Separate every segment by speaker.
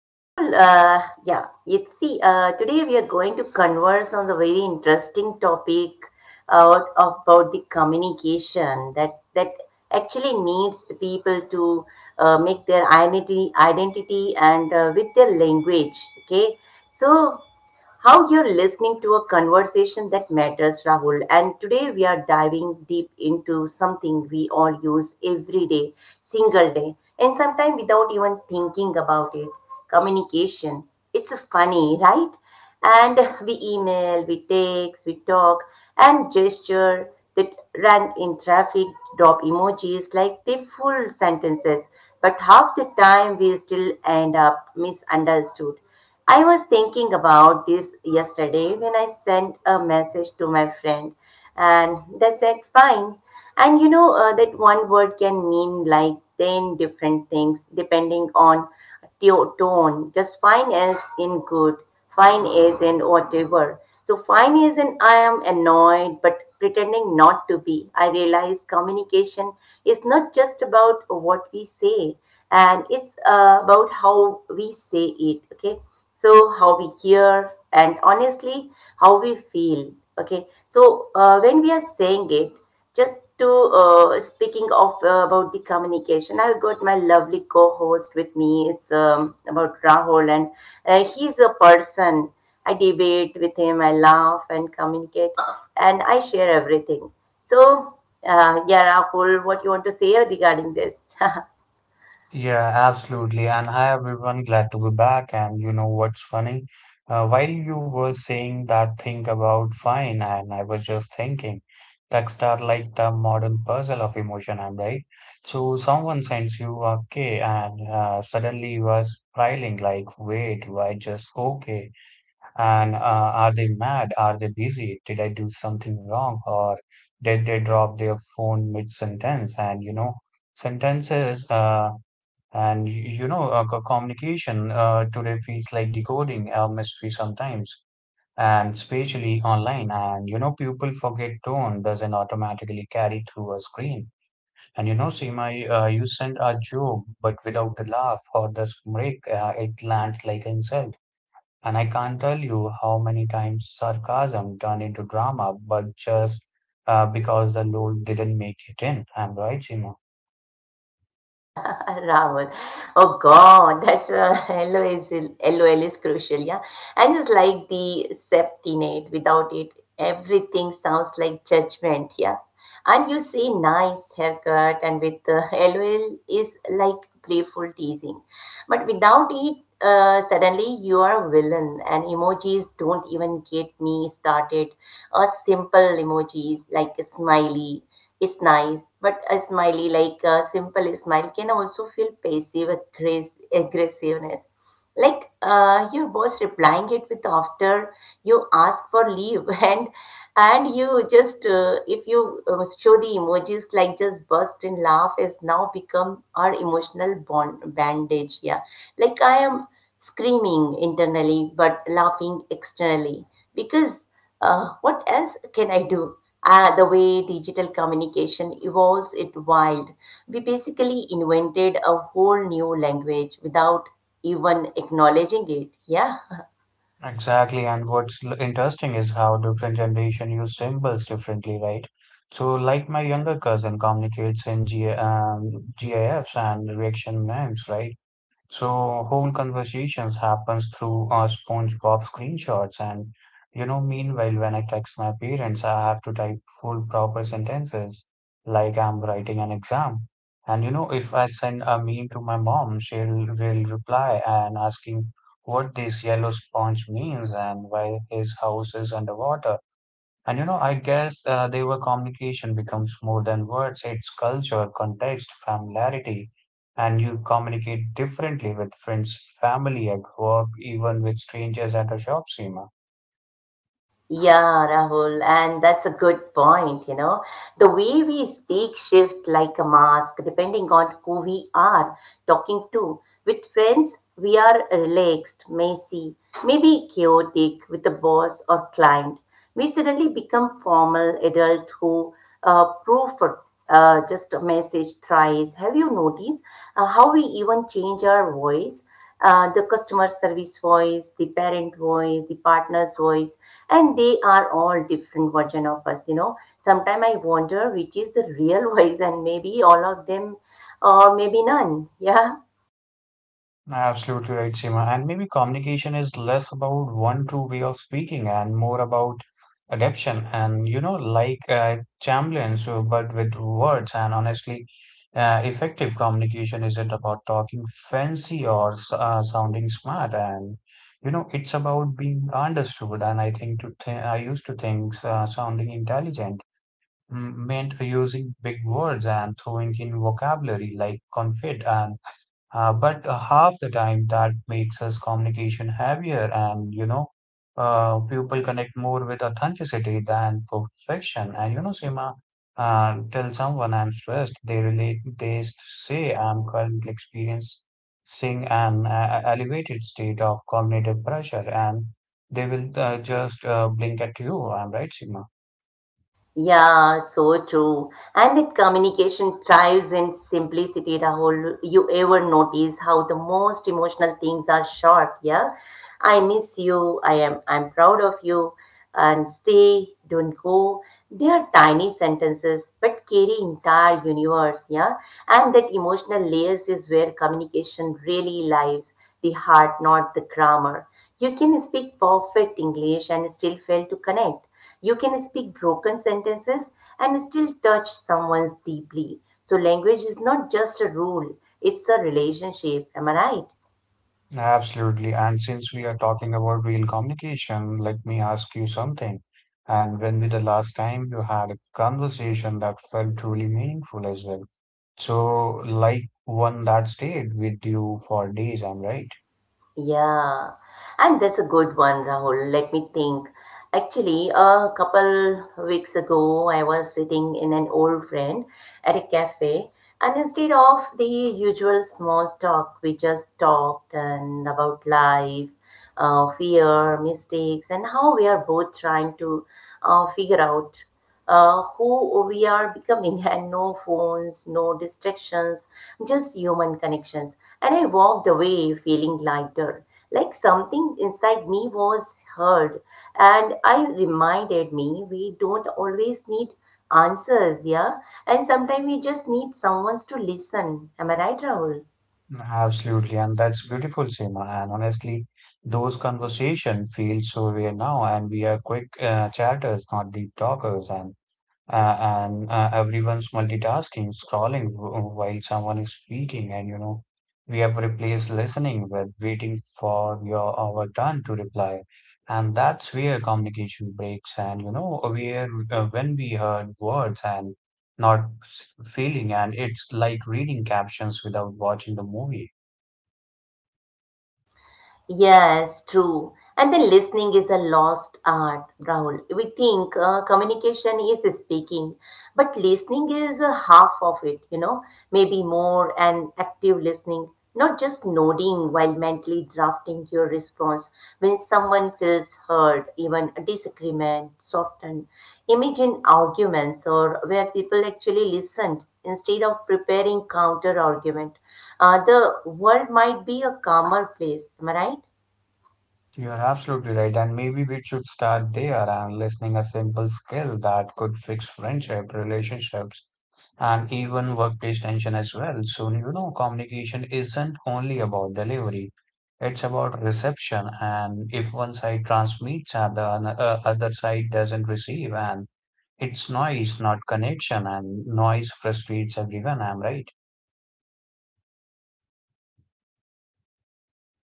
Speaker 1: So, Rahul, yeah, you see, today we are going to converse on the very interesting topic out about the communication that actually needs the people to make their identity and with their language. Okay, so how you're listening to a conversation that matters, Rahul. And today we are diving deep into something we all use every day, single day, and sometimes without even thinking about it, communication. It's funny, right? And we email, we text, we talk, and gesture that run in traffic drop emojis like they full sentences, but half the time we still end up misunderstood. I was thinking about this yesterday when I sent a message to my friend, and they said, fine. And that one word can mean like 10 different things depending on tone. Just fine as in good, fine as in whatever. So fine as in I am annoyed, but pretending not to be. I realize communication is not just about what we say, and it's about how we say it. Okay, so how we hear and honestly how we feel. Okay, so when we are saying it just to speaking of about the communication, I've got my lovely co-host with me. It's about Rahul, and he's a person I debate with. Him I laugh and communicate and I share everything. So yeah, Rahul, what you want to say regarding this?
Speaker 2: Yeah, absolutely. And hi, everyone. Glad to be back. And you know what's funny? While you were saying that thing about fine, and I was just thinking, texts are like the modern puzzle of emotion, I'm right? So someone sends you okay, and suddenly you are spiraling like, wait, why just okay? And are they mad? Are they busy? Did I do something wrong? Or did they drop their phone mid-sentence? And you know, sentences and y- you know, co- communication today feels like decoding a mystery sometimes, and especially online. And you know, people forget tone doesn't automatically carry through a screen. And you know, Seema, you sent a joke, but without the laugh or the break, it lands like insult. And I can't tell you how many times sarcasm turned into drama, but just because the load didn't make it in. I'm right, Seema.
Speaker 1: Rahul. Oh God, that's a LOL is crucial, yeah. And it's like the septinate. Without it, everything sounds like judgment, yeah. And you see nice haircut, and with the LOL is like playful teasing. But without it, suddenly you are a villain, and emojis don't even get me started. Or simple emojis like a smiley is nice, but a smiley, like a simple smile, can also feel aggressiveness. Like your boss replying it with after you ask for leave, and you just if you show the emojis like just burst in laugh has now become our emotional bond bandage. Yeah, like I am screaming internally but laughing externally because what else can I do? The way digital communication evolves, it wild. We basically invented a whole new language without even acknowledging it. Yeah.
Speaker 2: Exactly, and interesting is how different generation use symbols differently, right? So, like my younger cousin communicates in G GIFs and reaction names, right? So whole conversations happens through SpongeBob screenshots. And you know, meanwhile, when I text my parents I have to type full proper sentences like I'm writing an exam. And you know, if I send a meme to my mom she'll will reply and asking what this yellow sponge means and why his house is underwater. And you know, I guess they were communication becomes more than words. It's culture, context, familiarity, and you communicate differently with friends, family, at work, even with strangers at a shop, Seema.
Speaker 1: Yeah, Rahul, and that's a good point, you know. The way we speak shift like a mask depending on who we are talking to. With friends, we are relaxed, messy, maybe chaotic with a boss or client. We suddenly become formal adult who proof for just a message thrice. Have you noticed how we even change our voice? The customer service voice, the parent voice, the partner's voice, and they are all different version of us. You know, sometimes I wonder which is the real voice, and maybe all of them, or maybe none. Yeah.
Speaker 2: Absolutely right, Seema. And maybe communication is less about one true way of speaking and more about adaptation, and you know, like Chamberlain, so, but with words. And honestly, effective communication isn't about talking fancy or sounding smart. And you know, it's about being understood. And I used to think sounding intelligent meant using big words and throwing in vocabulary like confit, and but half the time that makes us communication heavier. And you know, people connect more with authenticity than perfection. And you know, Seema, tell someone I'm stressed, they relate. They say I'm currently experiencing an elevated state of cognitive pressure, and they will just blink at you. I'm right, Seema.
Speaker 1: Yeah, so true. And that communication thrives in simplicity, Rahul. You ever notice how the most emotional things are short, yeah? I miss you, I'm proud of you, and stay, don't go. They are tiny sentences but carry entire universe, yeah? And that emotional layers is where communication really lies, the heart, not the grammar. You can speak perfect English and still fail to connect. You can speak broken sentences and still touch someone's deeply. So language is not just a rule, it's a relationship. Am I right?
Speaker 2: Absolutely. And since we are talking about real communication, let me ask you something. And when was the last time you had a conversation that felt truly meaningful as well? So, like one that stayed with you for days, I'm right?
Speaker 1: Yeah, and that's a good one, Rahul. Let me think. Actually, a couple weeks ago, I was sitting in an old friend at a cafe, and instead of the usual small talk, we just talked and about life, fear, mistakes, and how we are both trying to figure out who we are becoming. And no phones, no distractions, just human connections. And I walked away feeling lighter, like something inside me was heard. And I reminded me we don't always need answers, yeah? And sometimes we just need someone to listen. Am I right, Rahul?
Speaker 2: Absolutely. And that's beautiful, Seema. And honestly, those conversations feel so rare now, and we are quick chatters, not deep talkers. Uh, and everyone's multitasking, scrolling while someone is speaking. And you know, we have replaced listening with waiting for your our turn to reply, and that's where communication breaks. And you know, where when we heard words and not feeling, and it's like reading captions without watching the movie.
Speaker 1: Yes, true. And then listening is a lost art, Rahul. We think communication is speaking, but listening is a half of it, you know, maybe more and active listening, not just nodding while mentally drafting your response. When someone feels heard, even a disagreement softened. Imagine arguments or where people actually listened instead of preparing counter argument. The world might be a calmer place, am I right?
Speaker 2: You're absolutely right, and maybe we should start there, and listening, a simple skill that could fix friendship, relationships and even workplace tension as well. So you know, communication isn't only about delivery, it's about reception. And if one side transmits and the other side doesn't receive, and it's noise, not connection, and noise frustrates everyone. I'm right.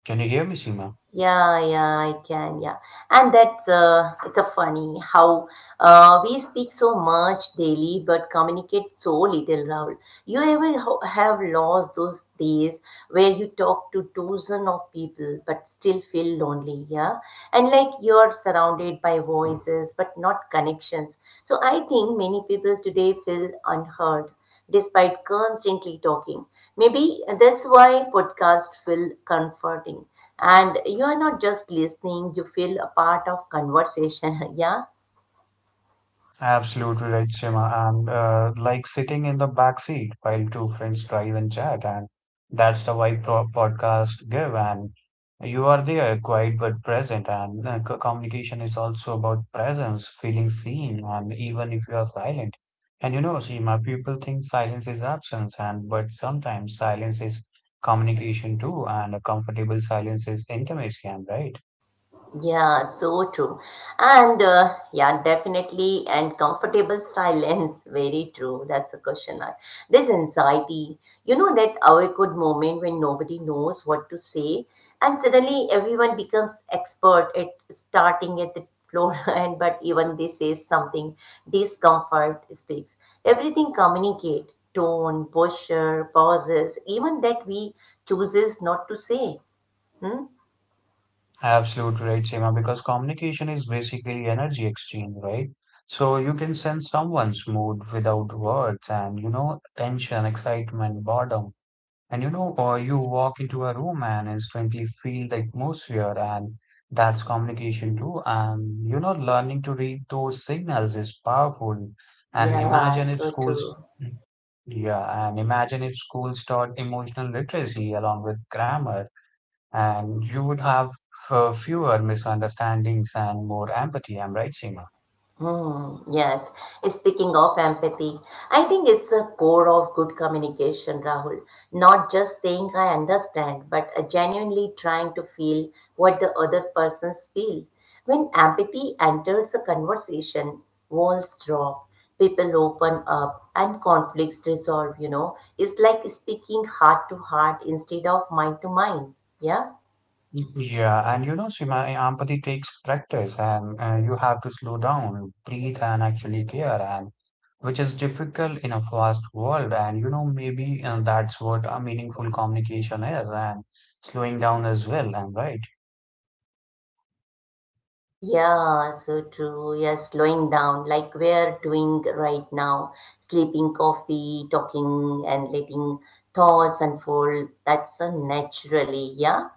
Speaker 2: Can you hear me, Seema?
Speaker 1: Yeah, yeah, I can, yeah. And that's it's a funny how we speak so much daily but communicate so little, Rahul. You ever have lost those days where you talk to dozen of people but still feel lonely, yeah? And like you're surrounded by voices but not connections. So I think many people today feel unheard despite constantly talking. Maybe that's why podcasts feel comforting. And you are not just listening, you feel a part of conversation. Yeah.
Speaker 2: Absolutely right, Shema. And like sitting in the back seat while two friends drive and chat, and that's the vibe pro podcast give. And you are there, quiet but present. And communication is also about presence, feeling seen, and even if you are silent. And you know, Shema, people think silence is absence, and but sometimes silence is communication too, and a comfortable silence is intimacy, am right?
Speaker 1: Yeah, so true. And yeah, definitely. And comfortable silence, very true. That's the question. I, this anxiety, you know, that awkward moment when nobody knows what to say, and suddenly everyone becomes expert at starting at the floor. And but even they say something, discomfort speaks. Everything communicate, tone, posture, pauses, even that we chooses not to say. Hmm?
Speaker 2: Absolutely right, Seema, because communication is basically energy exchange, right? So you can sense someone's mood without words. And you know, tension, excitement, boredom. And you know, or you walk into a room and instantly feel the atmosphere, and that's communication too. And you know, learning to read those signals is powerful. And
Speaker 1: Yeah,
Speaker 2: imagine if
Speaker 1: so
Speaker 2: schools,
Speaker 1: true.
Speaker 2: yeah, and imagine if schools taught emotional literacy along with grammar. And you would have fewer misunderstandings and more empathy. I'm right, Seema.
Speaker 1: Hmm. Yes. Speaking of empathy, I think it's the core of good communication, Rahul. Not just saying I understand, but genuinely trying to feel what the other persons feel. When empathy enters a conversation, walls drop, people open up, and conflicts resolve, you know. It's like speaking heart to heart instead of mind to mind. Yeah?
Speaker 2: Yeah, and you know, Seema, empathy takes practice, and you have to slow down, breathe, and actually care, and which is difficult in a fast world. And you know, maybe that's what a meaningful communication is, and slowing down as well. I'm right.
Speaker 1: Yeah, so true. Yeah, slowing down like we're doing right now, sleeping coffee, talking, and letting thoughts unfold. That's a naturally, yeah.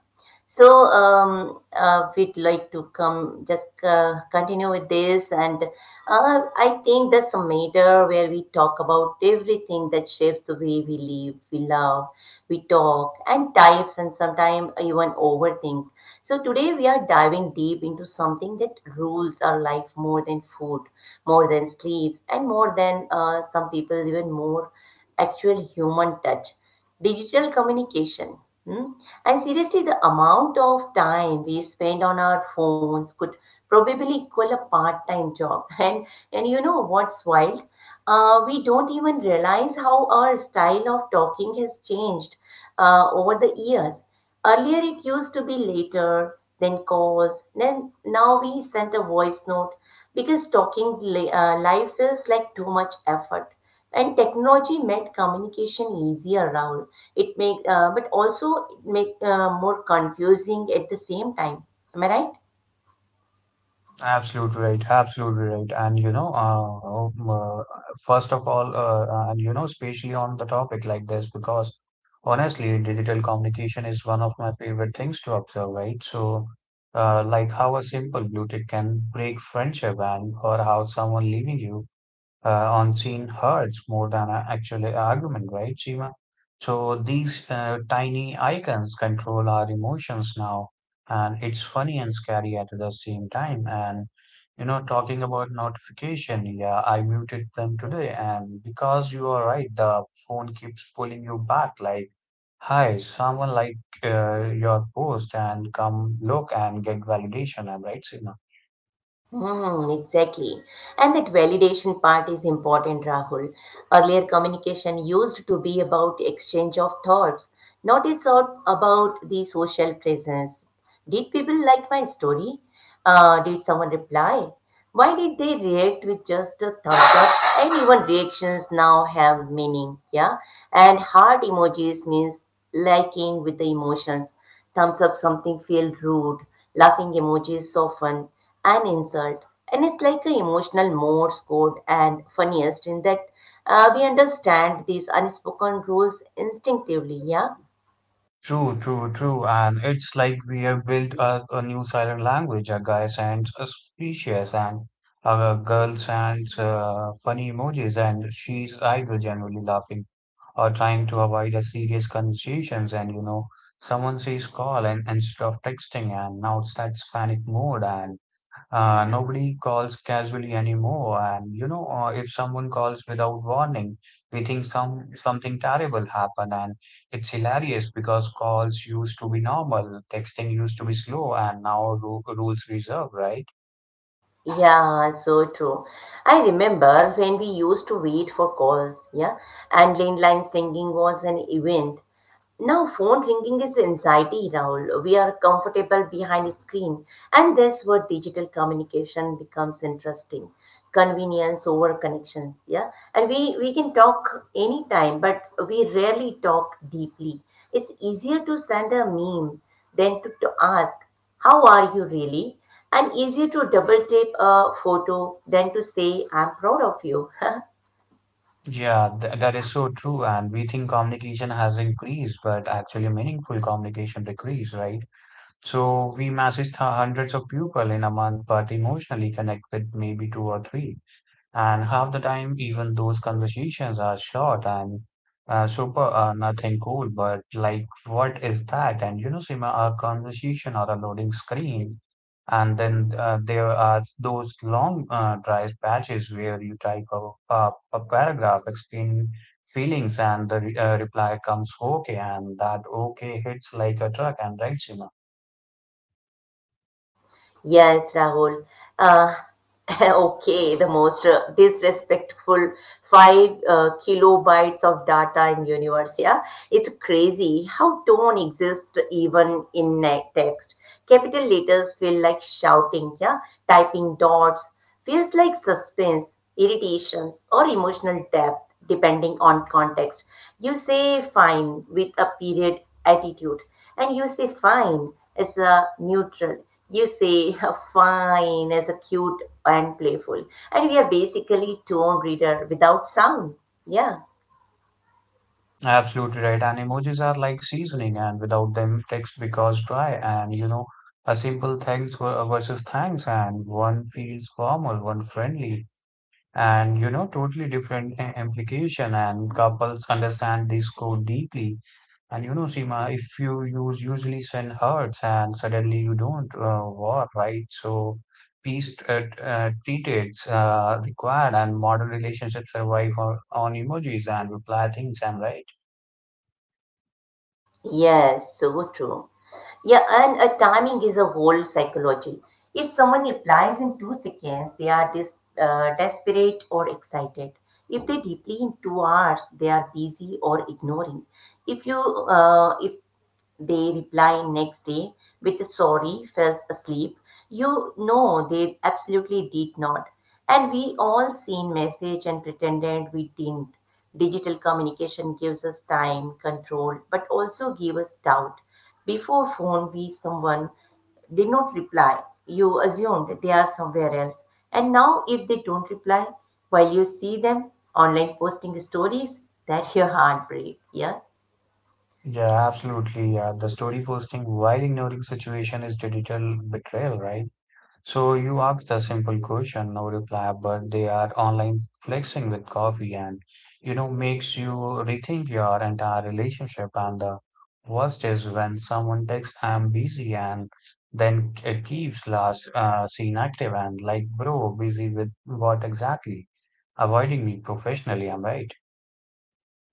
Speaker 1: So, we'd like to come just continue with this, and I think that's a matter where we talk about everything that shapes the way we live, we love, we talk, and types, and sometimes even overthink. So today we are diving deep into something that rules our life more than food, more than sleeps, and more than some people even more actual human touch. Digital communication. Hmm? And seriously, the amount of time we spend on our phones could probably equal a part-time job. And you know what's wild? We don't even realize how our style of talking has changed over the years. Earlier, it used to be later, then calls, then now we send a voice note because talking lives is like too much effort. And technology made communication easier, Rahul. It make but also it make more confusing at the same time, am I right?
Speaker 2: Absolutely right. Absolutely right. And you know, first of all, and you know, especially on the topic like this, because honestly, digital communication is one of my favorite things to observe, right? So like how a simple blue tick can break friendship, and or how someone leaving you unseen hurts more than actually an argument, right, Seema? So these tiny icons control our emotions now, and it's funny and scary at the same time. And you know, talking about notification, yeah, I muted them today, and because you are right, the phone keeps pulling you back, like, hi, someone like your post, and come look and get validation. I'm right, Seema.
Speaker 1: Mm, exactly. And that validation part is important, Rahul. Earlier communication used to be about exchange of thoughts, not it's all about the social presence. Did people like my story? Did someone reply? Why did they react with just a thumbs up? And even reactions now have meaning, yeah? And heart emojis means liking with the emotions. Thumbs up something feel rude, laughing emojis soften an insult, and it's like a emotional Morse code. And funniest in that we understand these unspoken rules instinctively. Yeah,
Speaker 2: True, true, true. And it's like we have built a new silent language. A guy sends a species and a girl sends funny emojis, and she's either generally laughing or trying to avoid a serious conversations. And you know, someone says call and instead of texting, and now it's that panic mode. And nobody calls casually anymore, and you know, if someone calls without warning, we think something terrible happened. And it's hilarious because calls used to be normal, texting used to be slow, and now ru rules reserve, right?
Speaker 1: yeah, so true. I remember when we used to wait for calls. Yeah, and landline singing was an event. Now, phone ringing is anxiety, Rahul. We are comfortable behind a screen, and that's where digital communication becomes interesting. Convenience over connection, yeah. And we can talk anytime, but we rarely talk deeply. It's easier to send a meme than to ask, "How are you really?" And easier to double tape a photo than to say, "I'm proud of you."
Speaker 2: Yeah, th that is so true, and we think communication has increased, but actually meaningful communication decreased, right? So we message hundreds of people in a month, but emotionally connect with maybe two or three. And half the time, even those conversations are short and nothing cool. But like, what is that? And you know, Sima, a conversation or a loading screen. And then there are those long dry patches where you type a paragraph explaining feelings, and the reply comes okay, and that okay hits like a truck. And right, Seema.
Speaker 1: Yes, Rahul. Uh, okay, the most disrespectful five kilobytes of data in universe. Yeah, it's crazy how tone exists even in text. Capital letters feel like shouting. Yeah, typing dots. Feels like suspense, irritations, or emotional depth depending on context. You say fine with a period attitude, and you say fine as a neutral. You say fine as a cute and playful. And we are basically tone reader without sound. Yeah.
Speaker 2: Absolutely right. And emojis are like seasoning, and without them, text becomes dry. And you know, a simple thanks versus thanks, and one feels formal, one friendly, and you know, totally different implication. And couples understand this code deeply. And you know, Seema, if you use usually send hearts, and suddenly you don't war, right? So peace treated required, and modern relationships survive on emojis and reply things, and right.
Speaker 1: Yes, so true. Yeah, and timing is a whole psychology. If someone replies in 2 seconds, they are dis desperate or excited. If they reply in 2 hours, they are busy or ignoring. If they reply next day with sorry, fell asleep. You know they absolutely did not. And we all seen message and pretended we didn't. Digital communication gives us time, control, but also give us doubt. Before phone, we someone did not reply. You assumed they are somewhere else. And now, if they don't reply, while you see them online posting stories, that's your heartbreak. Yeah.
Speaker 2: Yeah, absolutely. Yeah. The story posting while ignoring situation is digital betrayal, right? So you ask the simple question, no reply, but they are online flexing with coffee, and you know, makes you rethink your entire relationship. And the worst is when someone texts, I'm busy, and then it keeps last seen active, and like, bro, busy with what exactly? Avoiding me professionally, I'm right.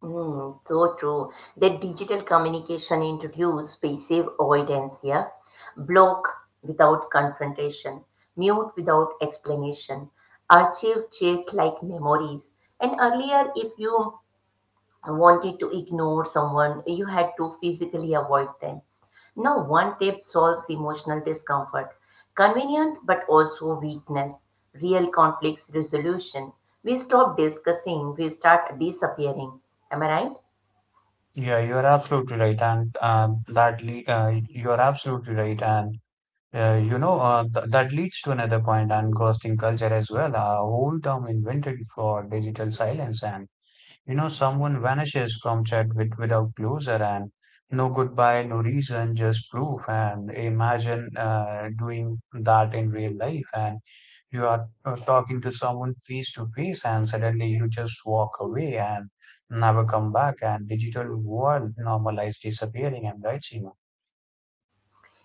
Speaker 1: Mm, so true. That digital communication introduces passive avoidance here. Block without confrontation, mute without explanation, archive check like memories. And earlier, if you wanted to ignore someone, you had to physically avoid them. Now, one tip solves emotional discomfort. Convenient but also weakness. Real conflicts resolution. We stop discussing, we start disappearing. Am I right?
Speaker 2: Yeah, you're absolutely right, and that le you're absolutely right, and you know, th that leads to another point, and ghosting culture as well, a whole term invented for digital silence. And you know, someone vanishes from chat with, without closure, and no goodbye, no reason, just proof. And imagine doing that in real life. And you are talking to someone face to face, and suddenly you just walk away and never come back. And digital world normalized disappearing. And right, Seema?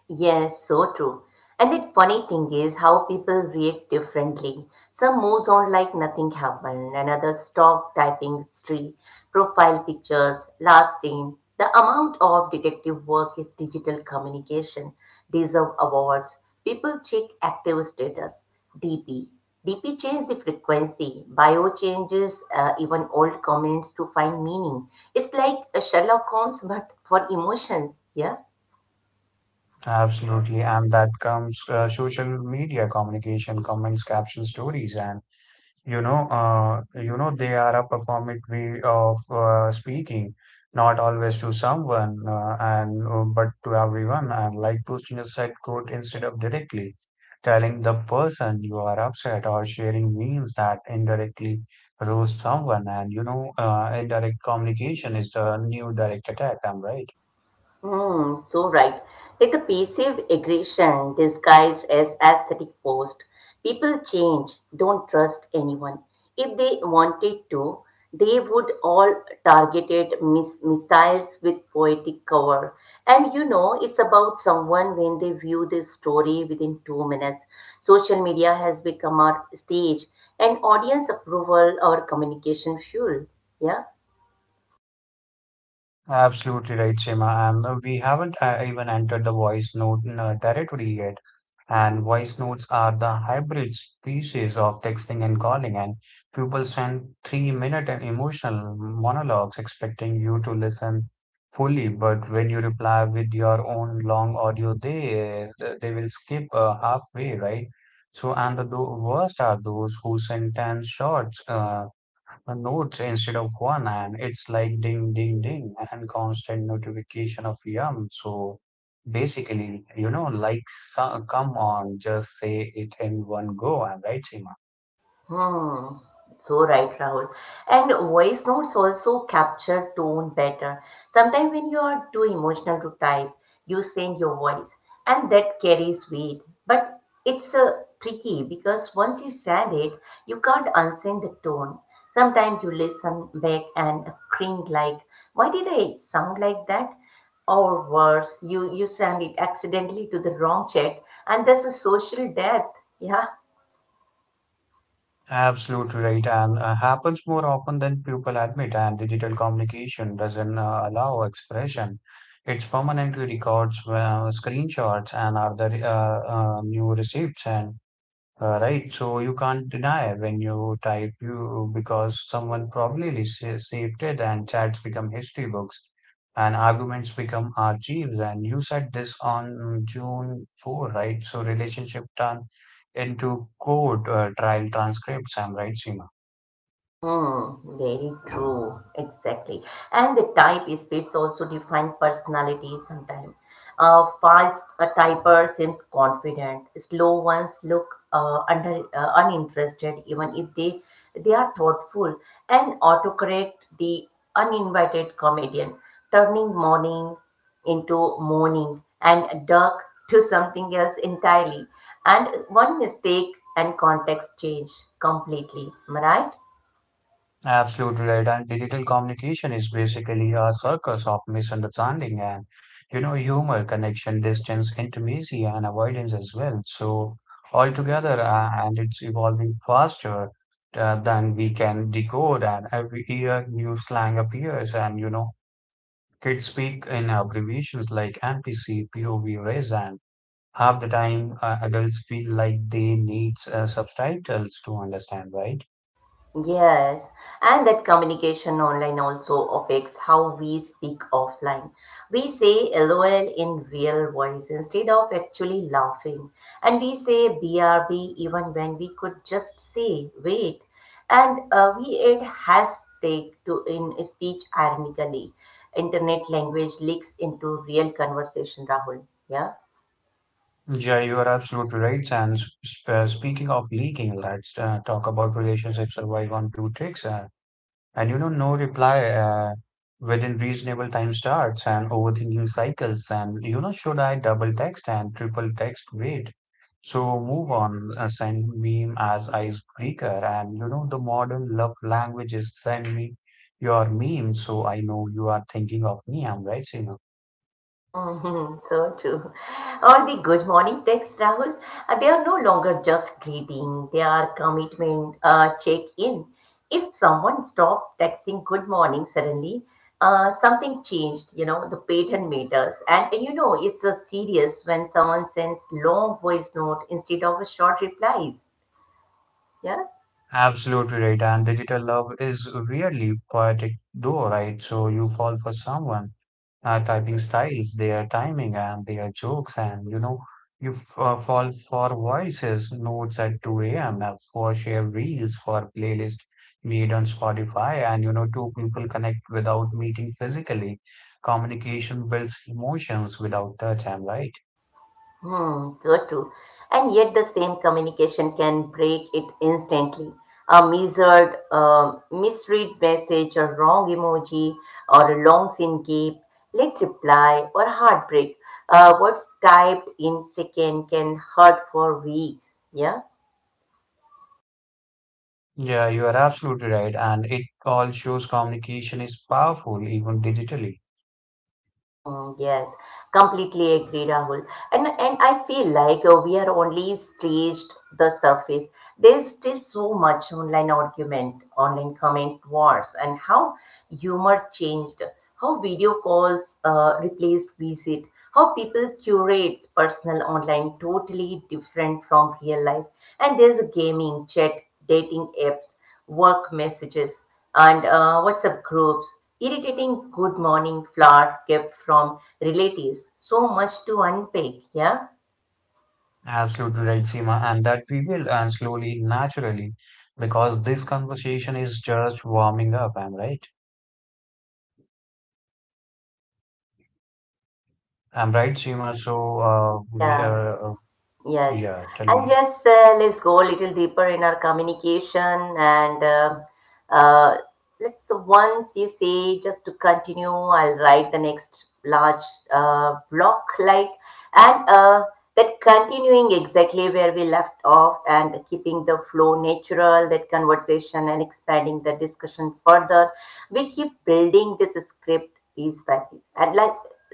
Speaker 1: Yes, so true. And the funny thing is how people react differently. Some moves on like nothing happened, and others stop typing history, profile pictures, last name. The amount of detective work is digital communication, deserve awards. People check active status, DP. DP changes the frequency, bio changes even old comments to find meaning. It's like a Sherlock Holmes, but for emotions, yeah?
Speaker 2: Absolutely. And that comes social media communication, comments, caption stories. And you know, you know, they are a performative way of speaking, not always to someone and but to everyone. And like posting a side quote instead of directly telling the person you are upset, or sharing means that indirectly roast someone. And you know, indirect communication is the new direct attack, I'm right?
Speaker 1: Hmm, so right. Like a passive aggression disguised as aesthetic post. People change, don't trust anyone. If they wanted to, they would all targeted missiles with poetic cover. And you know, it's about someone when they view this story within 2 minutes. Social media has become our stage and audience approval, our communication fuel. Yeah.
Speaker 2: Absolutely right, Seema. And we haven't even entered the voice note territory yet. And voice notes are the hybrid species of texting and calling. And people send 3-minute emotional monologues expecting you to listen fully. But when you reply with your own long audio, they will skip halfway, right? So, worst are those who send 10 short the notes instead of one, and it's like ding ding ding and constant notification of yum. So basically, come on, just say it in one go, and right, Seema?
Speaker 1: Hmm, so right, Rahul. And voice notes also capture tone better. Sometimes when you are too emotional to type, you send your voice, and that carries weight. But it's tricky because once you send it, you can't unsend the tone. Sometimes you listen back and cringe like, why did I sound like that? Or worse, you send it accidentally to the wrong chat, and that's a social death. Yeah.
Speaker 2: Absolutely right. And happens more often than people admit. And digital communication doesn't allow expression, it's permanently records screenshots and other new receipts. And right, so you can't deny when you type, you because someone probably saved it, and chats become history books and arguments become archives. And you said this on June 4, right? So relationship turned into court trial transcripts. I'm right, Seema?
Speaker 1: Hmm, very true. Exactly. And the type speeds also define personality sometimes. A fast a typer seems confident. Slow ones look under uninterested, even if they are thoughtful. And autocorrect the uninvited comedian, turning morning into morning and dark to something else entirely. And one mistake and context change completely. Am I right?
Speaker 2: Absolutely right. And digital communication is basically a circus of misunderstanding and, you know, humor, connection, distance, intimacy, and avoidance as well. So, altogether, and it's evolving faster than we can decode. And every year, new slang appears, and, you know, kids speak in abbreviations like NPC, POV, res, and half the time, adults feel like they need subtitles to understand, right?
Speaker 1: Yes, and that communication online also affects how we speak offline. We say LOL in real voice instead of actually laughing, and we say BRB even when we could just say wait, and we add hashtag to in speech ironically. Internet language leaks into real conversation, Rahul. Yeah.
Speaker 2: Yeah, you are absolutely right. And speaking of leaking, let's talk about relationships survive on blue ticks. And you know, no reply within reasonable time starts and overthinking cycles. And you know, should I double text and triple text? Wait. So move on, send meme as icebreaker. And you know, the modern love language is send me your meme so I know you are thinking of me. I'm right, Seema.
Speaker 1: Mhm, so true. Or the good morning texts, Rahul. They are no longer just greeting, they are commitment, check in. If someone stopped texting good morning suddenly, something changed, you know, the pattern matters. And you know, it's a serious when someone sends long voice note instead of a short replies. Yeah?
Speaker 2: Absolutely right. And digital love is weirdly poetic, though, right? So you fall for someone, typing styles, their timing, and their jokes, and you know, you f fall for voices, notes at 2 a.m., for share reels, for playlist made on Spotify, and you know, two people connect without meeting physically. Communication builds emotions without touch, I'm right.
Speaker 1: Hmm, so true. And yet, the same communication can break it instantly. A measured, um misread message, a wrong emoji, or a long sin gap, late reply, or heartbreak. What's typed in second can hurt for weeks. Yeah.
Speaker 2: Yeah, you are absolutely right. And it all shows communication is powerful, even digitally.
Speaker 1: Mm, yes, completely agree, Rahul. And I feel like we are only scratched the surface. There's still so much online argument, online comment wars, and how humor changed, how video calls replaced visit, how people curate personal online totally different from real life. And there's gaming, chat, dating apps, work messages and WhatsApp groups, irritating good morning flower kept from relatives. So much to unpack, yeah?
Speaker 2: Absolutely right, Seema, and that we will, and slowly, naturally, because this conversation is just warming up. I'm right. I'm right, Seema. So,
Speaker 1: Yeah. Yes.
Speaker 2: yeah, tell
Speaker 1: And
Speaker 2: me.
Speaker 1: yes, let's go a little deeper in our communication. And uh, let's once you say, just to continue, I'll write the next large block like, and that continuing exactly where we left off and keeping the flow natural, that conversation and expanding the discussion further. We keep building this script piece by piece. And like,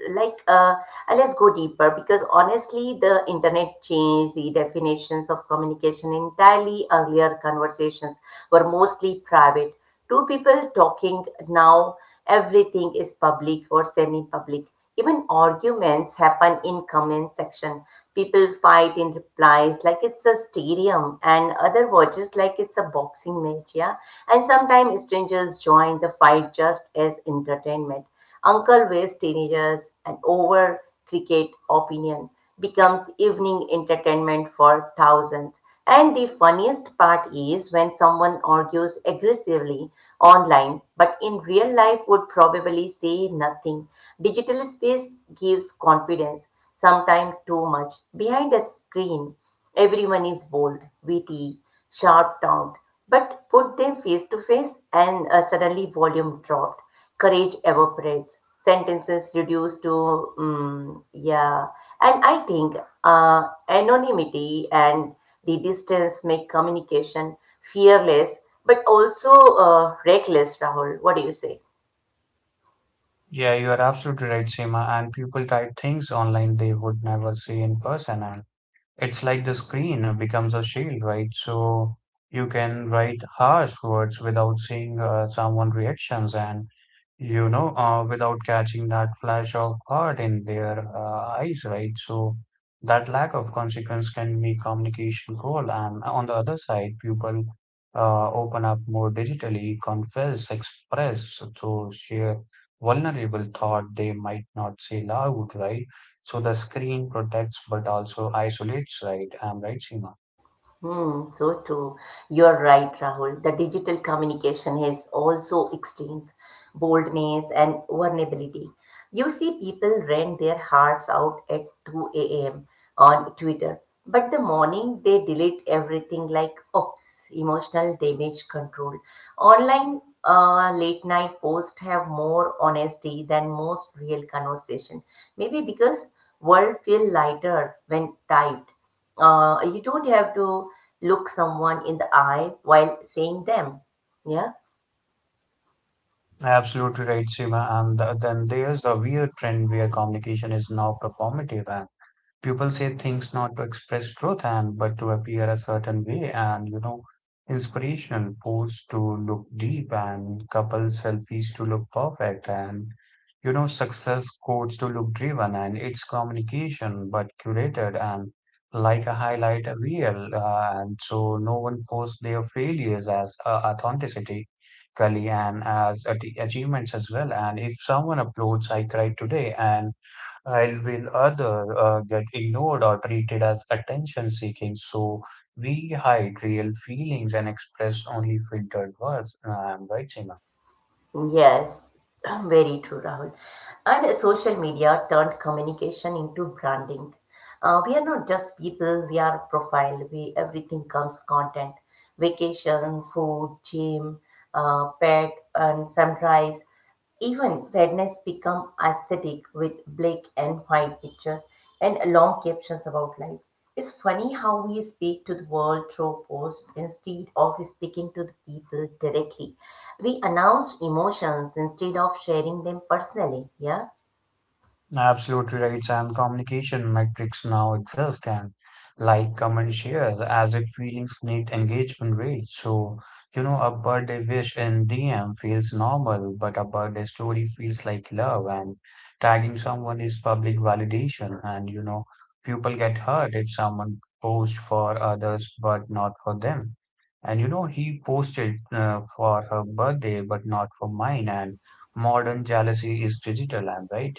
Speaker 1: like uh, uh, let's go deeper because honestly the internet changed the definitions of communication entirely. Earlier conversations were mostly private, two people talking. Now everything is public or semi-public. Even arguments happen in comment section. People fight in replies like it's a stadium, and other watches like it's a boxing match, yeah. And sometimes strangers join the fight just as entertainment. Uncle Way's teenagers and over cricket opinion becomes evening entertainment for thousands. And the funniest part is when someone argues aggressively online but in real life would probably say nothing. Digital space gives confidence, sometimes too much. Behind a screen, everyone is bold, witty, sharp tongued. But put them face to face and suddenly volume dropped, courage evaporates, sentences reduce to mm, yeah. And I think uh, anonymity and the distance make communication fearless but also reckless. Rahul, what do you say?
Speaker 2: Yeah, you are absolutely right, Seema. And people type things online they would never see in person, and it's like the screen becomes a shield, right? So you can write harsh words without seeing someone reactions, and you know, without catching that flash of hurt in their eyes, right? So that lack of consequence can make communication cold. And on the other side, people open up more digitally, confess, express, to share vulnerable thought they might not say loud, right? So the screen protects but also isolates, right? I'm right, Seema.
Speaker 1: Hmm, so true. You're right, Rahul. The digital communication has also extremes, boldness and vulnerability. You see people rent their hearts out at 2 a.m. on Twitter, but the morning they delete everything like oops, emotional damage control. Online late night posts have more honesty than most real conversation. Maybe because world feel lighter when typed. You don't have to look someone in the eye while saying them, yeah.
Speaker 2: Absolutely right, Seema. And then there's the weird trend where communication is now performative. People say things not to express truth, and but to appear a certain way. And you know, inspirational posts to look deep, and couple selfies to look perfect, and you know, success quotes to look driven. And it's communication but curated, and like a highlight reel. And so no one posts their failures as authenticity Kali and as achievements as well. And if someone uploads I cried today, and while will other get ignored or treated as attention seeking. So we hide real feelings and express only filtered words. Am I am right, Seema?
Speaker 1: Yes, very true, Rahul. And social media turned communication into branding. We are not just people, we are profile. We everything comes content, vacation, food, gym, pet, and sunrise. Even sadness become aesthetic with black and white pictures and long captions about life. It's funny how we speak to the world through posts instead of speaking to the people directly. We announce emotions instead of sharing them personally, yeah?
Speaker 2: Absolutely right, Sam. Communication metrics now exist and like, comment, shares, as if feelings need engagement rates. So, you know, a birthday wish in DM feels normal, but a birthday story feels like love, and tagging someone is public validation. And, you know, people get hurt if someone posts for others but not for them. And, you know, he posted for her birthday but not for mine. And modern jealousy is digital, and right?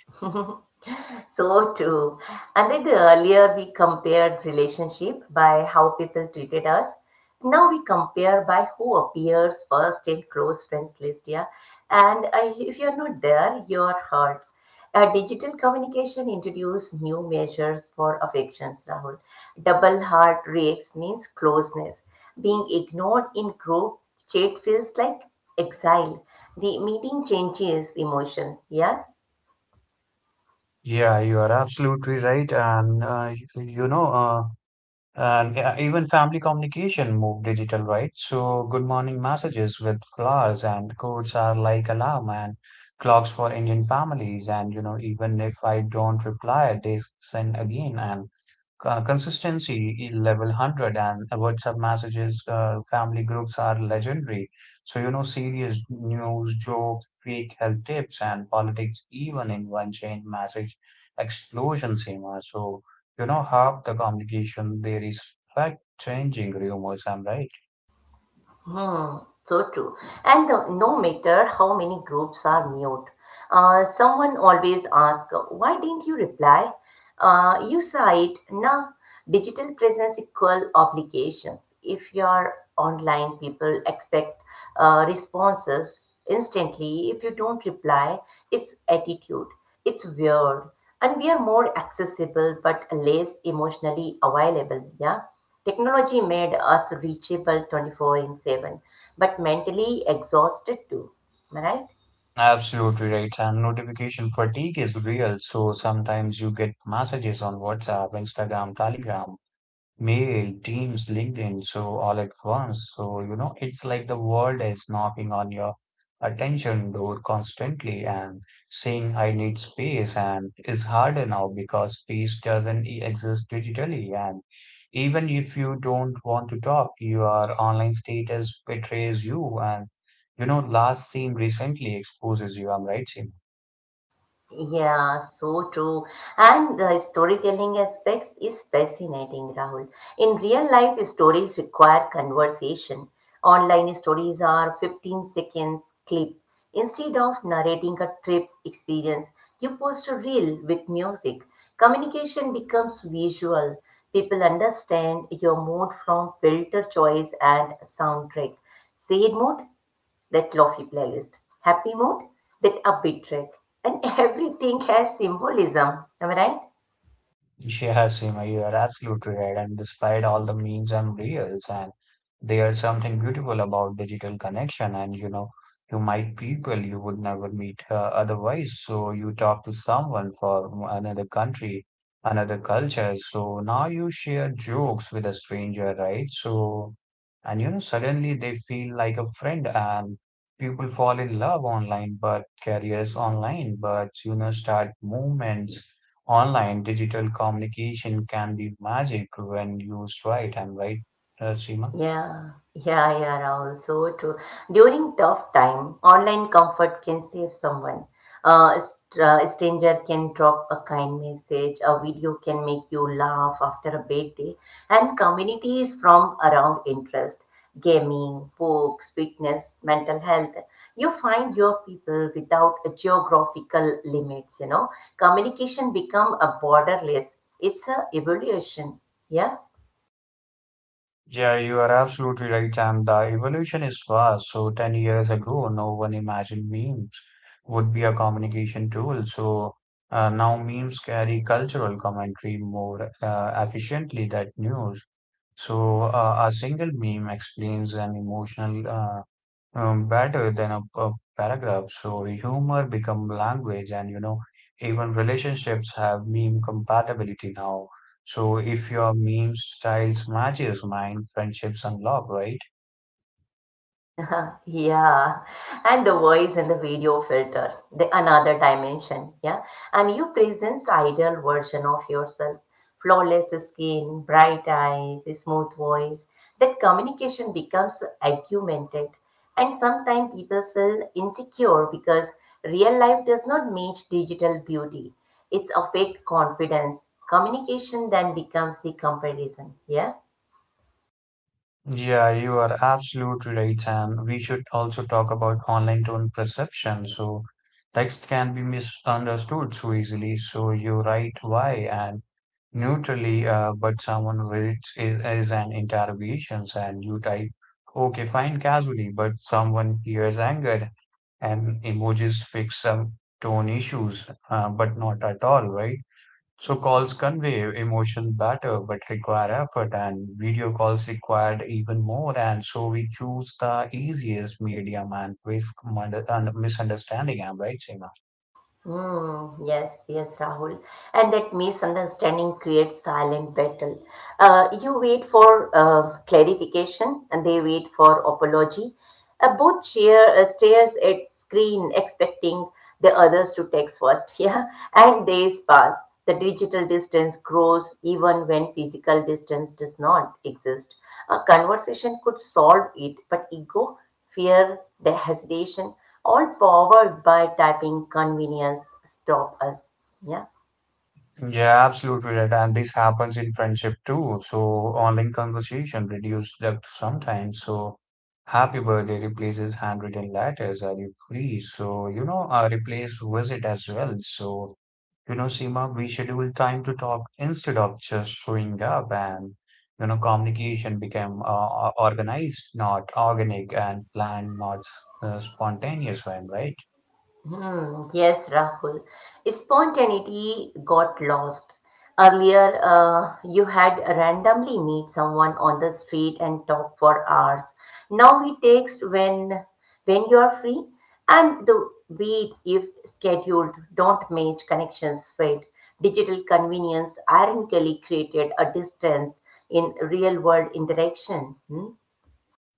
Speaker 1: So true. And then the earlier we compared relationship by how people treated us. Now we compare by who appears first in close friends list, yeah. And if you're not there, you're hurt. Digital communication introduced new measures for affections, Rahul. Double heart reacts means closeness. Being ignored in group chat feels like exile. The meeting changes emotion, yeah.
Speaker 2: Yeah, you are absolutely right. And even family communication moved digital, right? So good morning messages with flowers and codes are like alarm and clocks for Indian families. And you know, even if I don't reply, they send again. And consistency in level 100 and WhatsApp messages, family groups are legendary. So, you know, serious news, jokes, fake health tips, and politics, even in one chain message explosion, Seema. So, you know, half the communication there is fact changing rumors. I'm right.
Speaker 1: Hmm, so true. And no matter how many groups are mute, someone always asks, why didn't you reply? You cite, nah, digital presence equal obligations. If you're online, people expect responses instantly. If you don't reply, it's attitude. It's weird. And we are more accessible but less emotionally available. Yeah. Technology made us reachable 24 in 7, but mentally exhausted too. Am I right?
Speaker 2: Absolutely right. And notification fatigue is real. So sometimes you get messages on WhatsApp, Instagram, Telegram, Mail, Teams, LinkedIn, so all at once. So, you know, it's like the world is knocking on your attention door constantly and saying, I need space. And it's harder now because space doesn't exist digitally. And even if you don't want to talk, your online status betrays you. And, you know, last seen recently exposes you. I'm right, Seema?
Speaker 1: Yeah, so true. And the storytelling aspects is fascinating, Rahul. In real life, stories require conversation. Online stories are 15 seconds clip. Instead of narrating a trip experience, you post a reel with music. Communication becomes visual. People understand your mood from filter choice and soundtrack. Sad mood that lofi playlist, happy mood with upbeat track, and everything has symbolism. Am I right?
Speaker 2: Yeah, Seema, you are absolutely right. And despite all the memes and reels, and there's something beautiful about digital connection. And you know, you meet people you would never meet otherwise. So you talk to someone from another country, another culture. So now you share jokes with a stranger, right? So, and you know, suddenly they feel like a friend, and people fall in love online, but careers online, but you know, start movements. Online digital communication can be magic when used right, and right, Seema?
Speaker 1: Yeah, yeah, yeah, Rahul. So true. During tough time, online comfort can save someone. A stranger can drop a kind message. A video can make you laugh after a bad day. And communities from around interest, gaming, books, fitness, mental health. You find your people without a geographical limits. You know, communication become a borderless. It's a evolution. Yeah?
Speaker 2: Yeah, you are absolutely right. And the evolution is fast. So 10 years ago, no one imagined memes would be a communication tool. So now memes carry cultural commentary more efficiently than news. So, a single meme explains an emotional better than a paragraph. So humor become language, and you know, even relationships have meme compatibility now. So if your meme styles matches mine, friendships unlock, right?
Speaker 1: Yeah. And the voice and the video filter, the another dimension, yeah. And you presents ideal version of yourself, flawless skin, bright eyes, a smooth voice, that communication becomes augmented. And sometimes people feel insecure because real life does not match digital beauty. It's a fake confidence. Communication then becomes the comparison, yeah.
Speaker 2: Yeah, you are absolutely right, Sam. We should also talk about online tone perception. So, text can be misunderstood so easily. So, you write why and neutrally, but someone writes is an interrogation. And you type, okay, fine, casually, but someone hears anger. And emojis fix some tone issues, but not at all, right? So calls convey emotion better but require effort, and video calls required even more. And so we choose the easiest medium and risk mund- and misunderstanding. I'm right, Seema?
Speaker 1: Mm, yes, yes, Rahul. And that misunderstanding creates silent battle. You wait for clarification and they wait for apology. Both cheer, stares at screen expecting the others to text first. Yeah, and days pass. The digital distance grows even when physical distance does not exist. A conversation could solve it, but ego fear, the hesitation, all powered by typing convenience stop us. Yeah.
Speaker 2: Yeah, absolutely right. And this happens in friendship too. So online conversation reduces depth sometimes. So happy birthday replaces handwritten letters. Are you free? So you know, replace visit as well. So. You know, Seema, we scheduled time to talk instead of just showing up, and you know, communication became organized, not organic, and planned, not spontaneous one, right?
Speaker 1: Hmm, yes, Rahul. Spontaneity got lost. Earlier, you had randomly meet someone on the street and talk for hours. Now we text when you are free, and the wait if scheduled don't match connections fade. Digital convenience ironically created a distance in real world interaction. Hmm?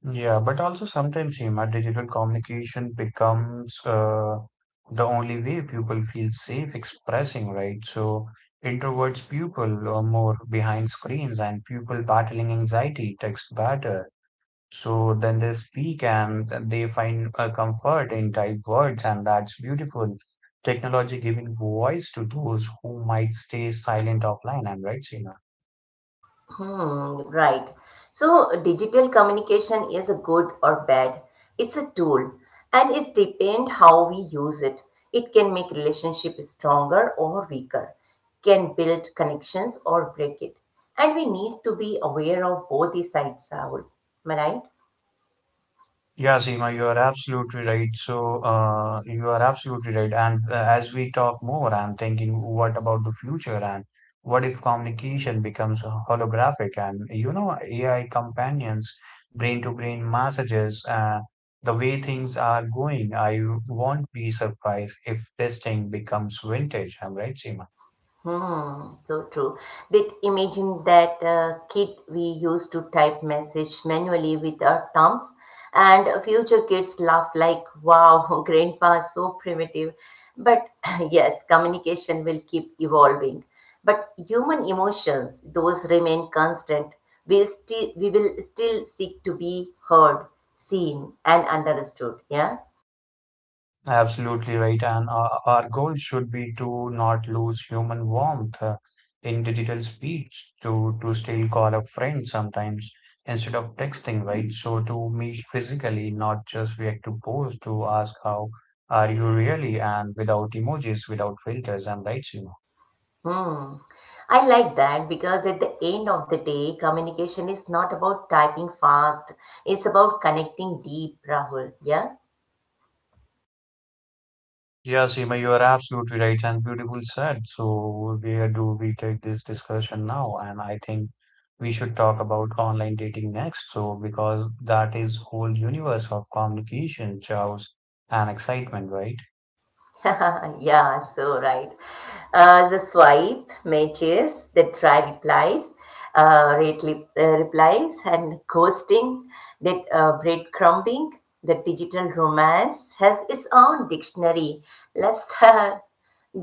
Speaker 2: Yeah, but also sometimes, Seema, digital communication becomes the only way people feel safe expressing, right? So introverts people are more behind screens, and people battling anxiety text better. So then they speak and they find a comfort in typed words, and that's beautiful. Technology giving voice to those who might stay silent offline. I'm right, Seema.
Speaker 1: Hmm, right. So digital communication is a good or bad. It's a tool and it depends how we use it. It can make relationship stronger or weaker, can build connections or break it. And we need to be aware of both the sides, Rahul. Am I right?
Speaker 2: Yeah, Seema, you are absolutely right. So, you are absolutely right. And as we talk more, I'm thinking, what about the future? And what if communication becomes holographic and, you know, AI companions, brain-to-brain messages, the way things are going, I won't be surprised if this thing becomes vintage. I'm right, Seema?
Speaker 1: Hmm, so true. Did imagine that kid we used to type message manually with our thumbs, and future kids laugh like, "Wow, grandpa is so primitive." But yes, communication will keep evolving, but human emotions, those remain constant. We will still seek to be heard, seen, and understood. Yeah.
Speaker 2: Absolutely right. And our goal should be to not lose human warmth in digital speech, to still call a friend sometimes instead of texting, right? So to meet physically, not just react to posts, to ask how are you really, and without emojis, without filters. I'm right, Seema?
Speaker 1: Hmm. I like that because at the end of the day, communication is not about typing fast. It's about connecting deep, Rahul. Yeah?
Speaker 2: Yeah, Seema, you are absolutely right and beautiful said. So, where do we take this discussion now? And I think we should talk about online dating next. So, because that is whole universe of communication, chaos, and excitement, right?
Speaker 1: Yeah, so right. The swipe, matches, the try replies, replies, and ghosting, that breadcrumbing, the digital romance has its own dictionary. Let's uh,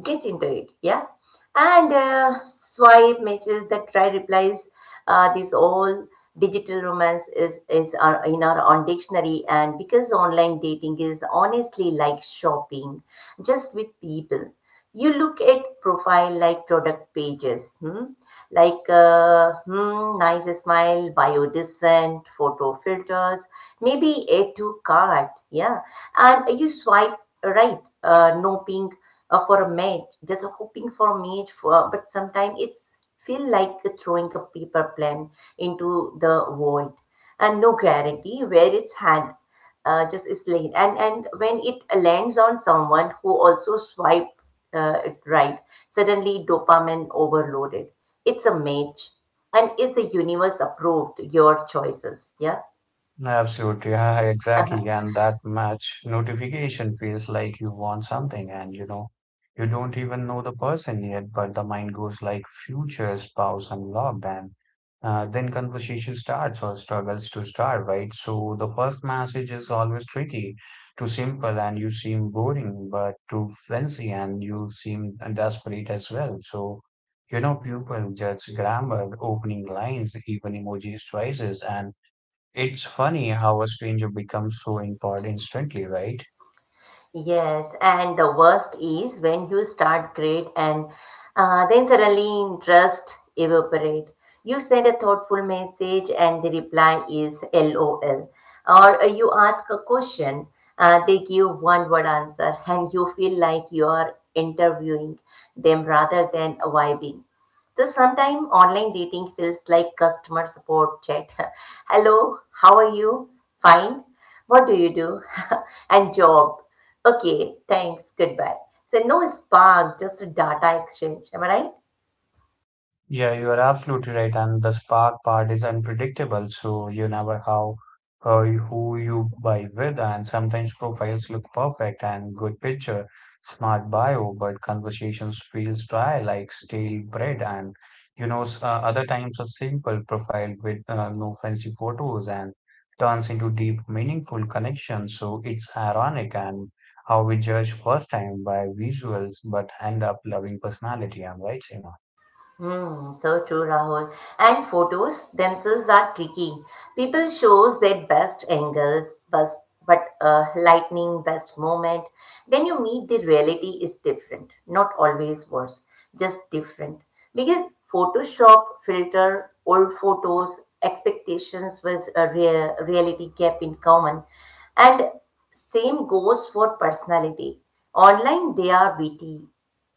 Speaker 1: Get into it, yeah? And swipe matches that try replies. This all digital romance is our, in our on dictionary, and because online dating is honestly like shopping, just with people. You look at profile like product pages. Hmm? Like nice smile, biodescent, photo filters, maybe A2 card, yeah. And you swipe right, no ping for a match, just hoping for a match for, but sometimes it feel like throwing a paper plane into the void and no guarantee where it's had just is laid and when it lands on someone who also swipe it right, suddenly dopamine overloaded. It's a match. And is the universe approved your choices? Yeah.
Speaker 2: Absolutely, yeah, exactly. And that match notification feels like you want something. And you know, you don't even know the person yet, but the mind goes like future spouse unlocked. And then conversation starts or struggles to start, right? So the first message is always tricky, too simple and you seem boring, but too fancy and you seem desperate as well. So, you know, people judge grammar, opening lines, even emojis, choices. And it's funny how a stranger becomes so important instantly, right?
Speaker 1: Yes, and the worst is when you start great and then suddenly interest evaporate. You send a thoughtful message and the reply is LOL. Or you ask a question, they give one word answer and you feel like you are interviewing them rather than vibing. So sometimes online dating feels like customer support chat. Hello, how are you? Fine. What do you do? and job. Okay, thanks. Goodbye. So no spark, just a data exchange. Am I right?
Speaker 2: Yeah, you are absolutely right. And the spark part is unpredictable, so you never how who you buy with. And sometimes profiles look perfect and good picture, smart bio, but conversations feels dry like stale bread. And you know, other times a simple profile with no fancy photos and turns into deep, meaningful connection. So it's ironic and how we judge first time by visuals, but end up loving personality. I'm right, Seema?
Speaker 1: Hmm, so true, Rahul. And photos themselves are tricky. People shows their best angles, best, but lightning, best moment. Then you meet the reality is different. Not always worse, just different. Because Photoshop filter old photos, expectations with a reality gap in common, and same goes for personality. Online, they are witty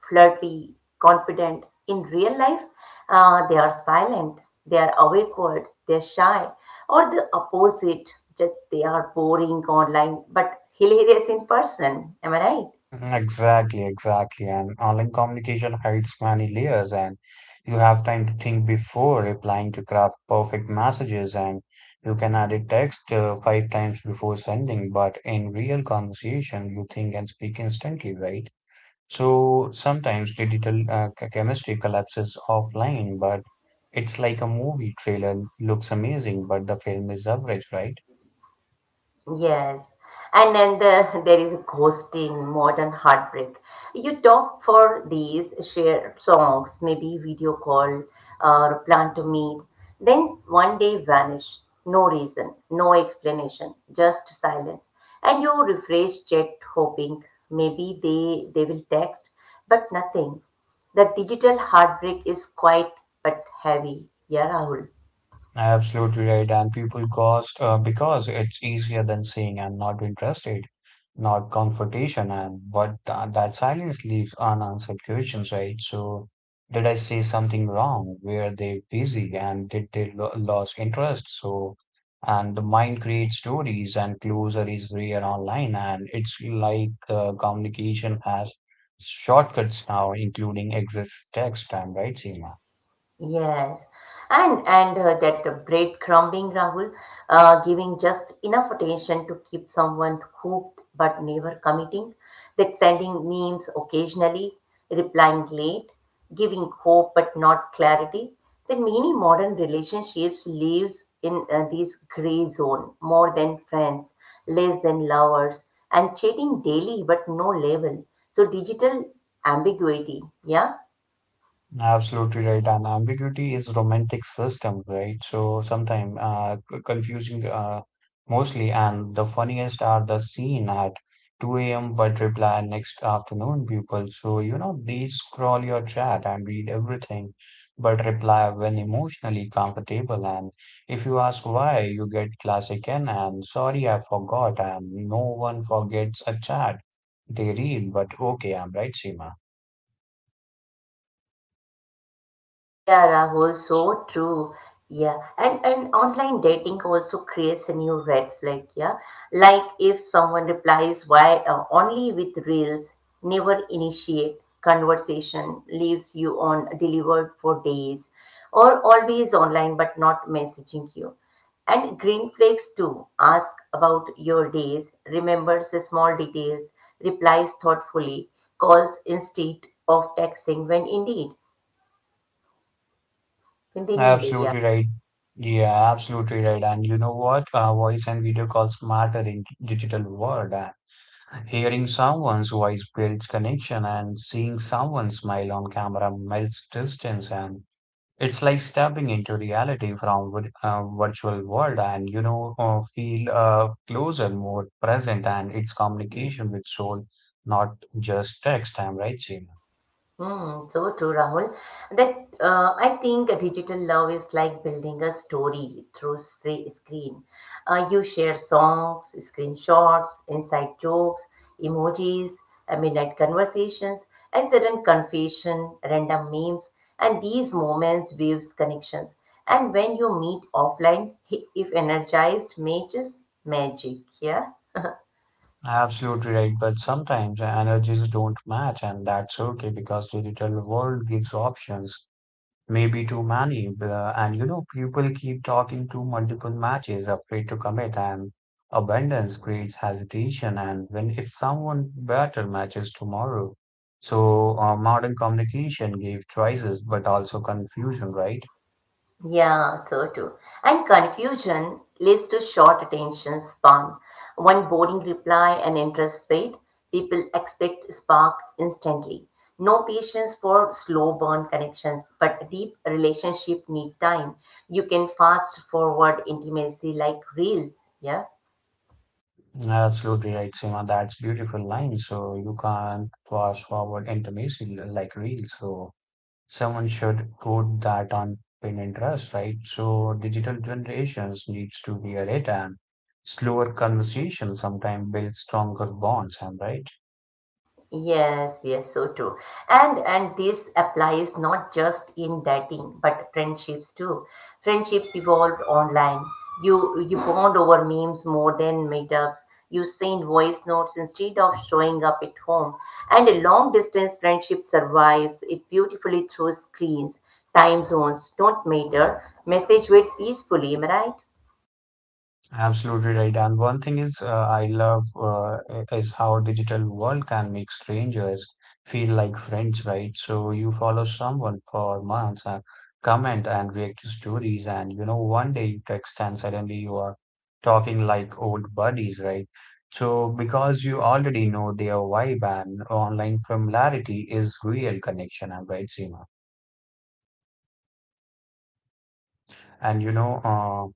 Speaker 1: flirty, confident. In real life, they are silent, they are awkward, they're shy, or the opposite, just they are boring online but hilarious in person. Am I right?
Speaker 2: Mhm. Exactly, exactly. And online communication hides many layers, and you have time to think before replying to craft perfect messages, and you can edit text 5 times before sending. But in real conversation, you think and speak instantly, right? So sometimes digital chemistry collapses offline, but it's like a movie trailer looks amazing, but the film is average, right?
Speaker 1: Yes, and then there is ghosting, modern heartbreak. You talk for these share songs, maybe video call or plan to meet, then one day vanish. No reason, no explanation, just silence. And you refresh chat hoping maybe they will text, but nothing. The digital heartbreak is quite but heavy. Yeah, Rahul.
Speaker 2: Absolutely right. And people ghost because it's easier than saying I'm not interested, not confrontation, and but that silence leaves unanswered questions, right? So, did I say something wrong? Were they busy and did they lo lose interest? So, and the mind creates stories, and closure is rare online, and it's like communication has shortcuts now, including exit text time, right, Seema?
Speaker 1: Yes, and that the breadcrumbing, Rahul, giving just enough attention to keep someone hooked but never committing. That sending memes occasionally, replying late, giving hope but not clarity. That many modern relationships lives in this gray zone, more than friends, less than lovers, and chatting daily but no level. So digital ambiguity, yeah.
Speaker 2: Absolutely right. And ambiguity is romantic system, right? So sometimes confusing mostly. And the funniest are the scene at 2 a.m. but reply next afternoon, people. So, you know, they scroll your chat and read everything, but reply when emotionally comfortable. And if you ask why, you get classic N and sorry, I forgot. And no one forgets a chat they read, but okay, I'm right, Seema.
Speaker 1: Yeah, Rahul, so true. Yeah, and online dating also creates a new red flag. Yeah, like if someone replies why only with reels, never initiate conversation, leaves you on delivered for days, or always online but not messaging you. And green flakes too. Ask about your days, remembers the small details, replies thoughtfully, calls instead of texting when indeed when they need it. Yeah?
Speaker 2: Absolutely right. Yeah, absolutely right. And you know what? Voice and video calls matter in digital world. Hearing someone's voice builds connection, and seeing someone smile on camera melts distance. And it's like stepping into reality from virtual world, and you know, feel closer, more present, and it's communication with soul, not just text. I'm right, Seema?
Speaker 1: Hmm, so true, Rahul. That I think digital love is like building a story through screen. You share songs, screenshots, inside jokes, emojis, midnight conversations, and sudden confession, random memes, and these moments weaves connections. And when you meet offline, if energized, matches magic. Yeah.
Speaker 2: Absolutely right, but sometimes energies don't match, and that's okay because digital world gives options, maybe too many. And you know, people keep talking to multiple matches, afraid to commit, and abundance creates hesitation. And when if someone better matches tomorrow, so modern communication gave choices, but also confusion, right?
Speaker 1: Yeah, so too. And confusion leads to short attention span. One boring reply and interest fade. People expect spark instantly. No patience for slow burn connections, but deep relationship need time. You can fast forward intimacy like reels. Yeah.
Speaker 2: Absolutely right, Seema. That's beautiful line. So you can't fast forward intimacy like real. So, someone should put that on pin and trust, right? So digital generations needs to be a rate and slower conversation sometimes builds stronger bonds, am I right?
Speaker 1: Yes, yes, so true. And this applies not just in dating, but friendships too. Friendships evolved online. You bond over memes more than meetups. You send voice notes instead of showing up at home. And a long distance friendship survives it beautifully through screens. Time zones don't matter. Message wait peacefully, am I right?
Speaker 2: Absolutely right. And one thing is, I love is how digital world can make strangers feel like friends, right? So you follow someone for months and comment and react to stories, and you know, one day you text and suddenly you are talking like old buddies, right? So because you already know their vibe and online familiarity is real connection, I'm right, Seema? And you know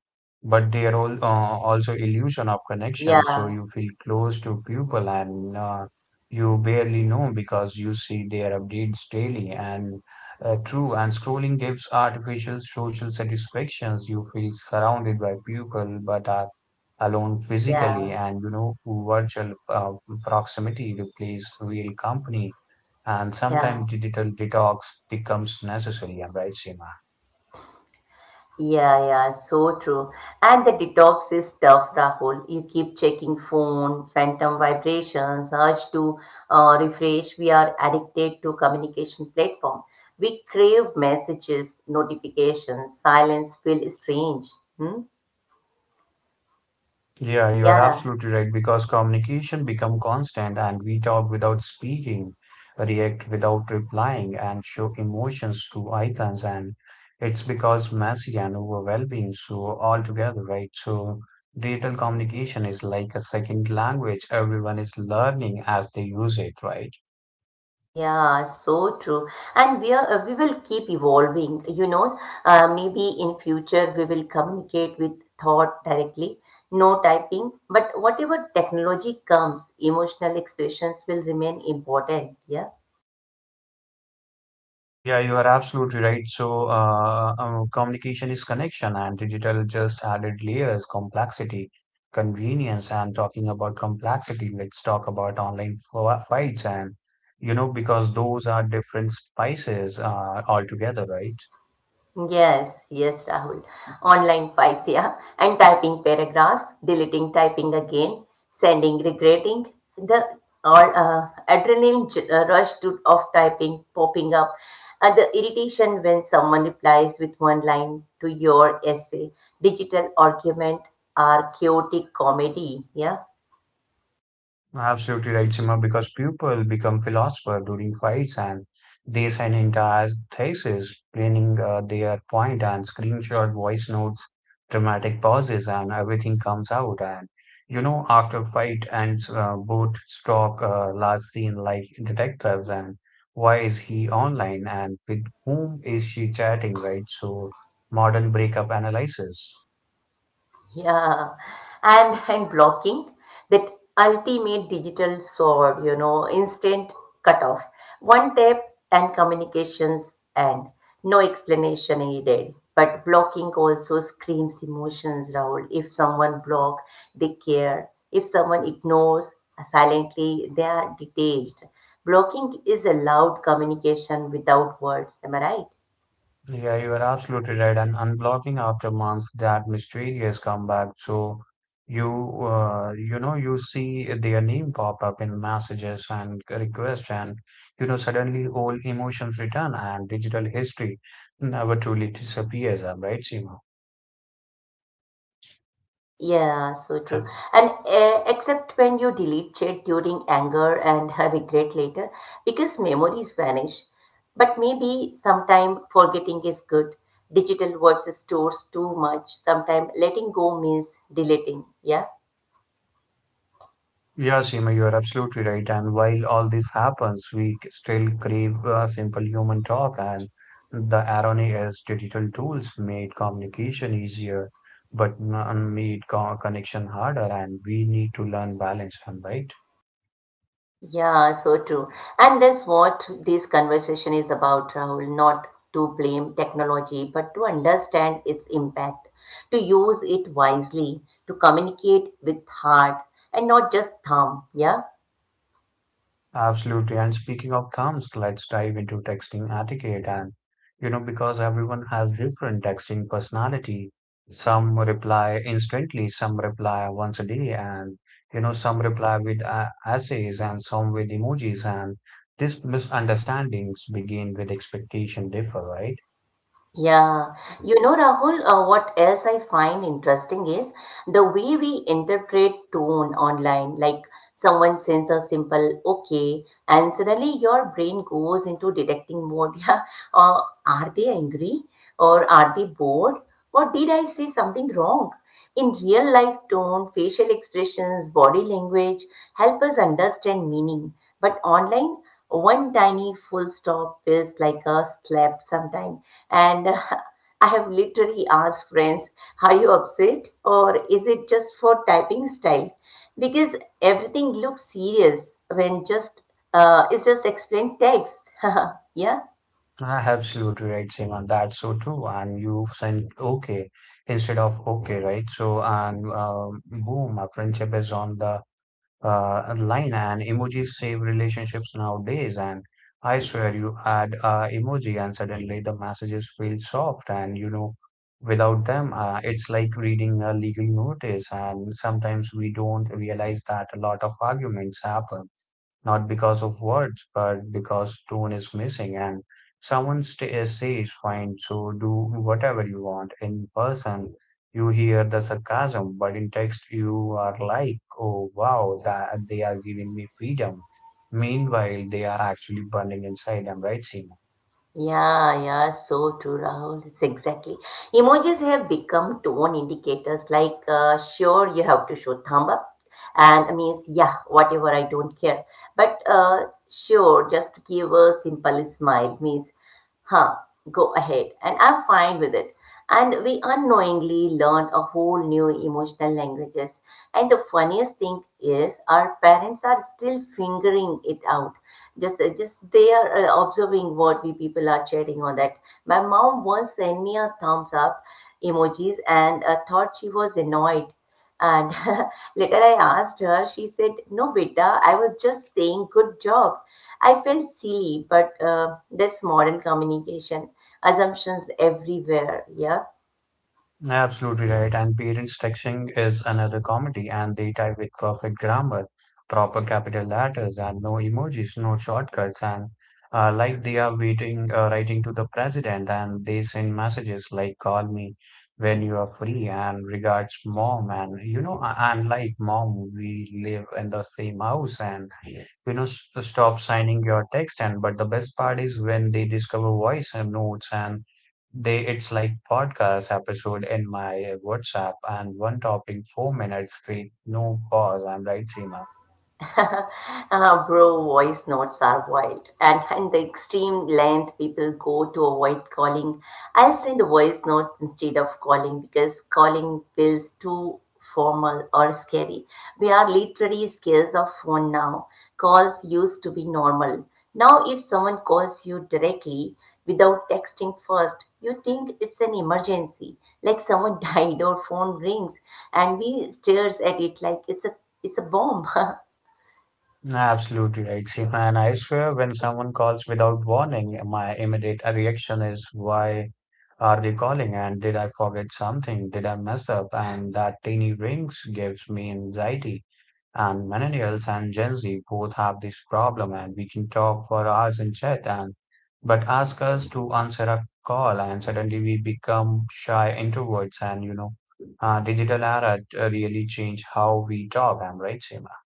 Speaker 2: But they're all also illusion of
Speaker 1: Yeah,
Speaker 2: connection, so you feel close to people and you barely know because you see their updates daily, and true, and scrolling gives artificial social satisfactions. You feel surrounded by people but are alone physically,
Speaker 1: yeah,
Speaker 2: and you know, virtual proximity replaces real company, and
Speaker 1: yeah.
Speaker 2: sometimes digital detox becomes necessary. I'm right, Seema?
Speaker 1: Yeah, yeah, so true. And the detox is tough, Rahul. You keep checking phone, phantom vibrations, urge to refresh. We are addicted to communication platform. We crave messages, notifications, silence feel strange. Hmm?
Speaker 2: Yeah, you are
Speaker 1: Yeah,
Speaker 2: absolutely right because communication become constant, and we talk without speaking, react without replying, and show emotions through icons. And it's because messy and overwhelming. So altogether, right? So digital communication is like a second language. Everyone is learning as they use it, right?
Speaker 1: yeah, so true. And we are, we will keep evolving, you know. Maybe in future we will communicate with thought directly, no typing. But whatever technology comes, emotional expressions will remain important. Yeah.
Speaker 2: Yeah, you are absolutely right. So, communication is connection, and digital just added layers, complexity, convenience. And talking about complexity, let's talk about online fights, and you know, because those are different spices altogether, right?
Speaker 1: Yes, yes, Rahul. Online fights, yeah. And typing paragraphs, deleting, typing again, sending, regretting. The or adrenaline rush of typing popping up, and the irritation when someone replies with one line to your essay. Digital argument are chaotic comedy, yeah.
Speaker 2: Absolutely right, Sima, because people become philosopher during fights, and they send entire thesis, explaining their point, and screenshot voice notes, dramatic pauses, and everything comes out. And you know, after fight ends, both stalk last seen like detectives, and why is he online and with whom is she chatting, right? So modern breakup analysis.
Speaker 1: Yeah, and blocking that ultimate digital sword, you know, instant cutoff, one tap and communications end. No explanation needed. But blocking also screams emotions, Rahul. If someone block, they care. If someone ignores silently, they are detached. Blocking is a loud communication without words. Am I right?
Speaker 2: Yeah, you are absolutely right. And unblocking after months, that mysterious comeback. So you, you know, you see their name pop up in messages and requests, and you know, suddenly all emotions return, and digital history never truly disappears. Uh, right, Seema?
Speaker 1: Yeah, so true. And except when you delete chat during anger and regret later, because memories vanish. But maybe sometime forgetting is good. Digital words stores too much. Sometime letting go means deleting. Yeah.
Speaker 2: Yeah, Seema, you are absolutely right. And while all this happens, we still crave simple human talk. And the irony is, digital tools made communication easier, but made co connection harder. And we need to learn balance. Am I right?
Speaker 1: Yeah, so true. And that's what this conversation is about, Rahul, not to blame technology, but to understand its impact, to use it wisely, to communicate with heart and not just thumb. Yeah.
Speaker 2: Absolutely. And speaking of thumbs, let's dive into texting etiquette. And, you know, because everyone has different texting personality, some reply instantly, some reply once a day, and, you know, some reply with essays and some with emojis. And these misunderstandings begin with expectation differ, right?
Speaker 1: Yeah. You know, Rahul, what else I find interesting is the way we interpret tone online, like someone sends a simple okay, and suddenly your brain goes into detecting mode. Yeah, or are they angry? Or are they bored? Or did I say something wrong? In real life, tone, facial expressions, body language help us understand meaning. But online, one tiny full stop feels like a slap sometimes. And I have literally asked friends, are you upset or is it just for typing style? Because everything looks serious when just it's just explained text. Yeah.
Speaker 2: I absolutely right, Seema. That's so true. And you sent okay instead of okay, right? So, and boom, our friendship is on the line, and emojis save relationships nowadays, and I swear you add a emoji and suddenly the messages feel soft, and you know, without them it's like reading a legal notice. And sometimes we don't realize that a lot of arguments happen not because of words, but because tone is missing, and someone says, fine, so do whatever you want. In person, you hear the sarcasm, but in text, you are like, oh, wow, that they are giving me freedom. Meanwhile, they are actually burning inside. I'm right, Seema?
Speaker 1: Yeah, yeah, so true, Rahul. It's exactly. Emojis have become tone indicators like, sure, you have to show thumb up, and means, yeah, whatever, I don't care. But sure, just give a simple smile, means huh, go ahead. And I'm fine with it. And we unknowingly learned a whole new emotional languages. And the funniest thing is, our parents are still figuring it out. Just they are observing what we people are chatting on that. My mom once sent me a thumbs up emojis and thought she was annoyed. And later I asked her, she said, "No, beta, I was just saying good job." I felt silly, but this modern communication assumptions everywhere. Yeah.
Speaker 2: Absolutely right. And parents texting is another comedy, and they type with perfect grammar, proper capital letters, and no emojis, no shortcuts, and like they are waiting, writing to the president, and they send messages like "Call me when you are free," and regards mom, and you know, I'm like mom, we live in the same house, and you know, stop signing your text. And but the best part is when they discover voice and notes, and they it's like podcast episode in my WhatsApp, and one topic 4 minutes straight, no pause. I'm right, Seema?
Speaker 1: Bro, voice notes are wild, and the extreme length people go to avoid calling. I'll send voice notes instead of calling because calling feels too formal or scary. We are literally scared of phone now. Calls used to be normal. Now, if someone calls you directly without texting first, you think it's an emergency, like someone died or phone rings, and we stares at it like it's a bomb.
Speaker 2: Absolutely right, Seema. And I swear when someone calls without warning, my immediate reaction is why are they calling, and did I forget something, did I mess up, and that tiny rings gives me anxiety. And millennials and Gen Z both have this problem, and we can talk for hours in chat, and but ask us to answer a call and suddenly we become shy introverts. And you know, digital era really changed how we talk, am right, Seema?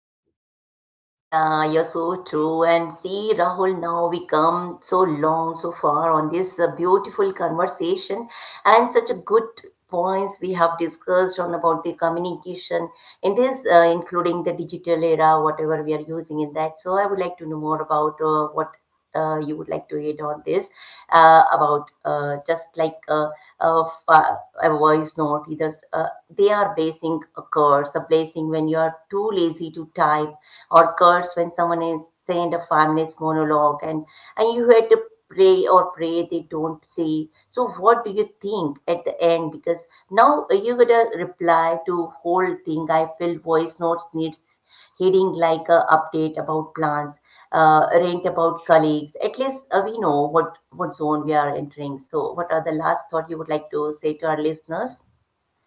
Speaker 1: Yeah, you're so true. And see, Rahul, now we come so long, so far on this beautiful conversation and such a good points we have discussed on about the communication in this, including the digital era, whatever we are using in that. So I would like to know more about what you would like to add on this about just like of, a voice note either they are basing a curse a blessing when you are too lazy to type or curse when someone is saying a 5 minutes monologue and you had to pray or pray they don't say so what do you think at the end because now you gotta reply to whole thing. I feel voice notes needs heading like a update about plans, rant about colleagues. At least we know what zone we are entering. So, what are the last thought you would like to say to our listeners?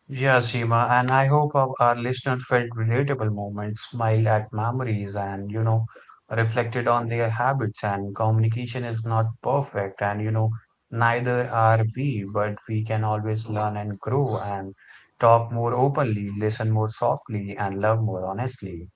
Speaker 2: Yeah, Seema, and I hope our listeners felt relatable moments, smiled at memories, and you know, reflected on their habits. And communication is not perfect, and you know, neither are we, but we can always learn and grow and talk more openly, listen more softly, and love more honestly.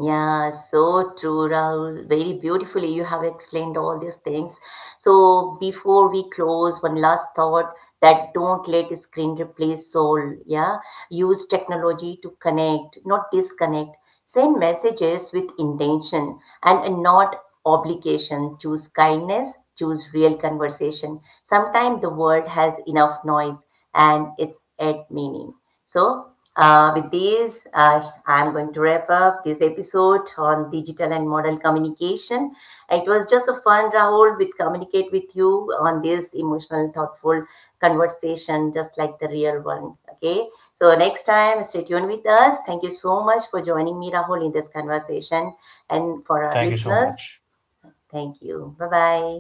Speaker 1: Yeah, so true, Rahul. Very beautifully, you have explained all these things. So, before we close, one last thought that don't let screen replace soul. Yeah, use technology to connect, not disconnect. Send messages with intention and not obligation. Choose kindness, choose real conversation. Sometimes the world has enough noise and it's at meaning. So, with this, I'm going to wrap up this episode on digital and model communication. It was just a fun, Rahul, with communicate with you on this emotional, thoughtful conversation, just like the real one. Okay. So next time, stay tuned with us. Thank you so much for joining me, Rahul, in this conversation, and for our
Speaker 2: Thank you so
Speaker 1: listeners.
Speaker 2: much.
Speaker 1: Thank you. Bye bye.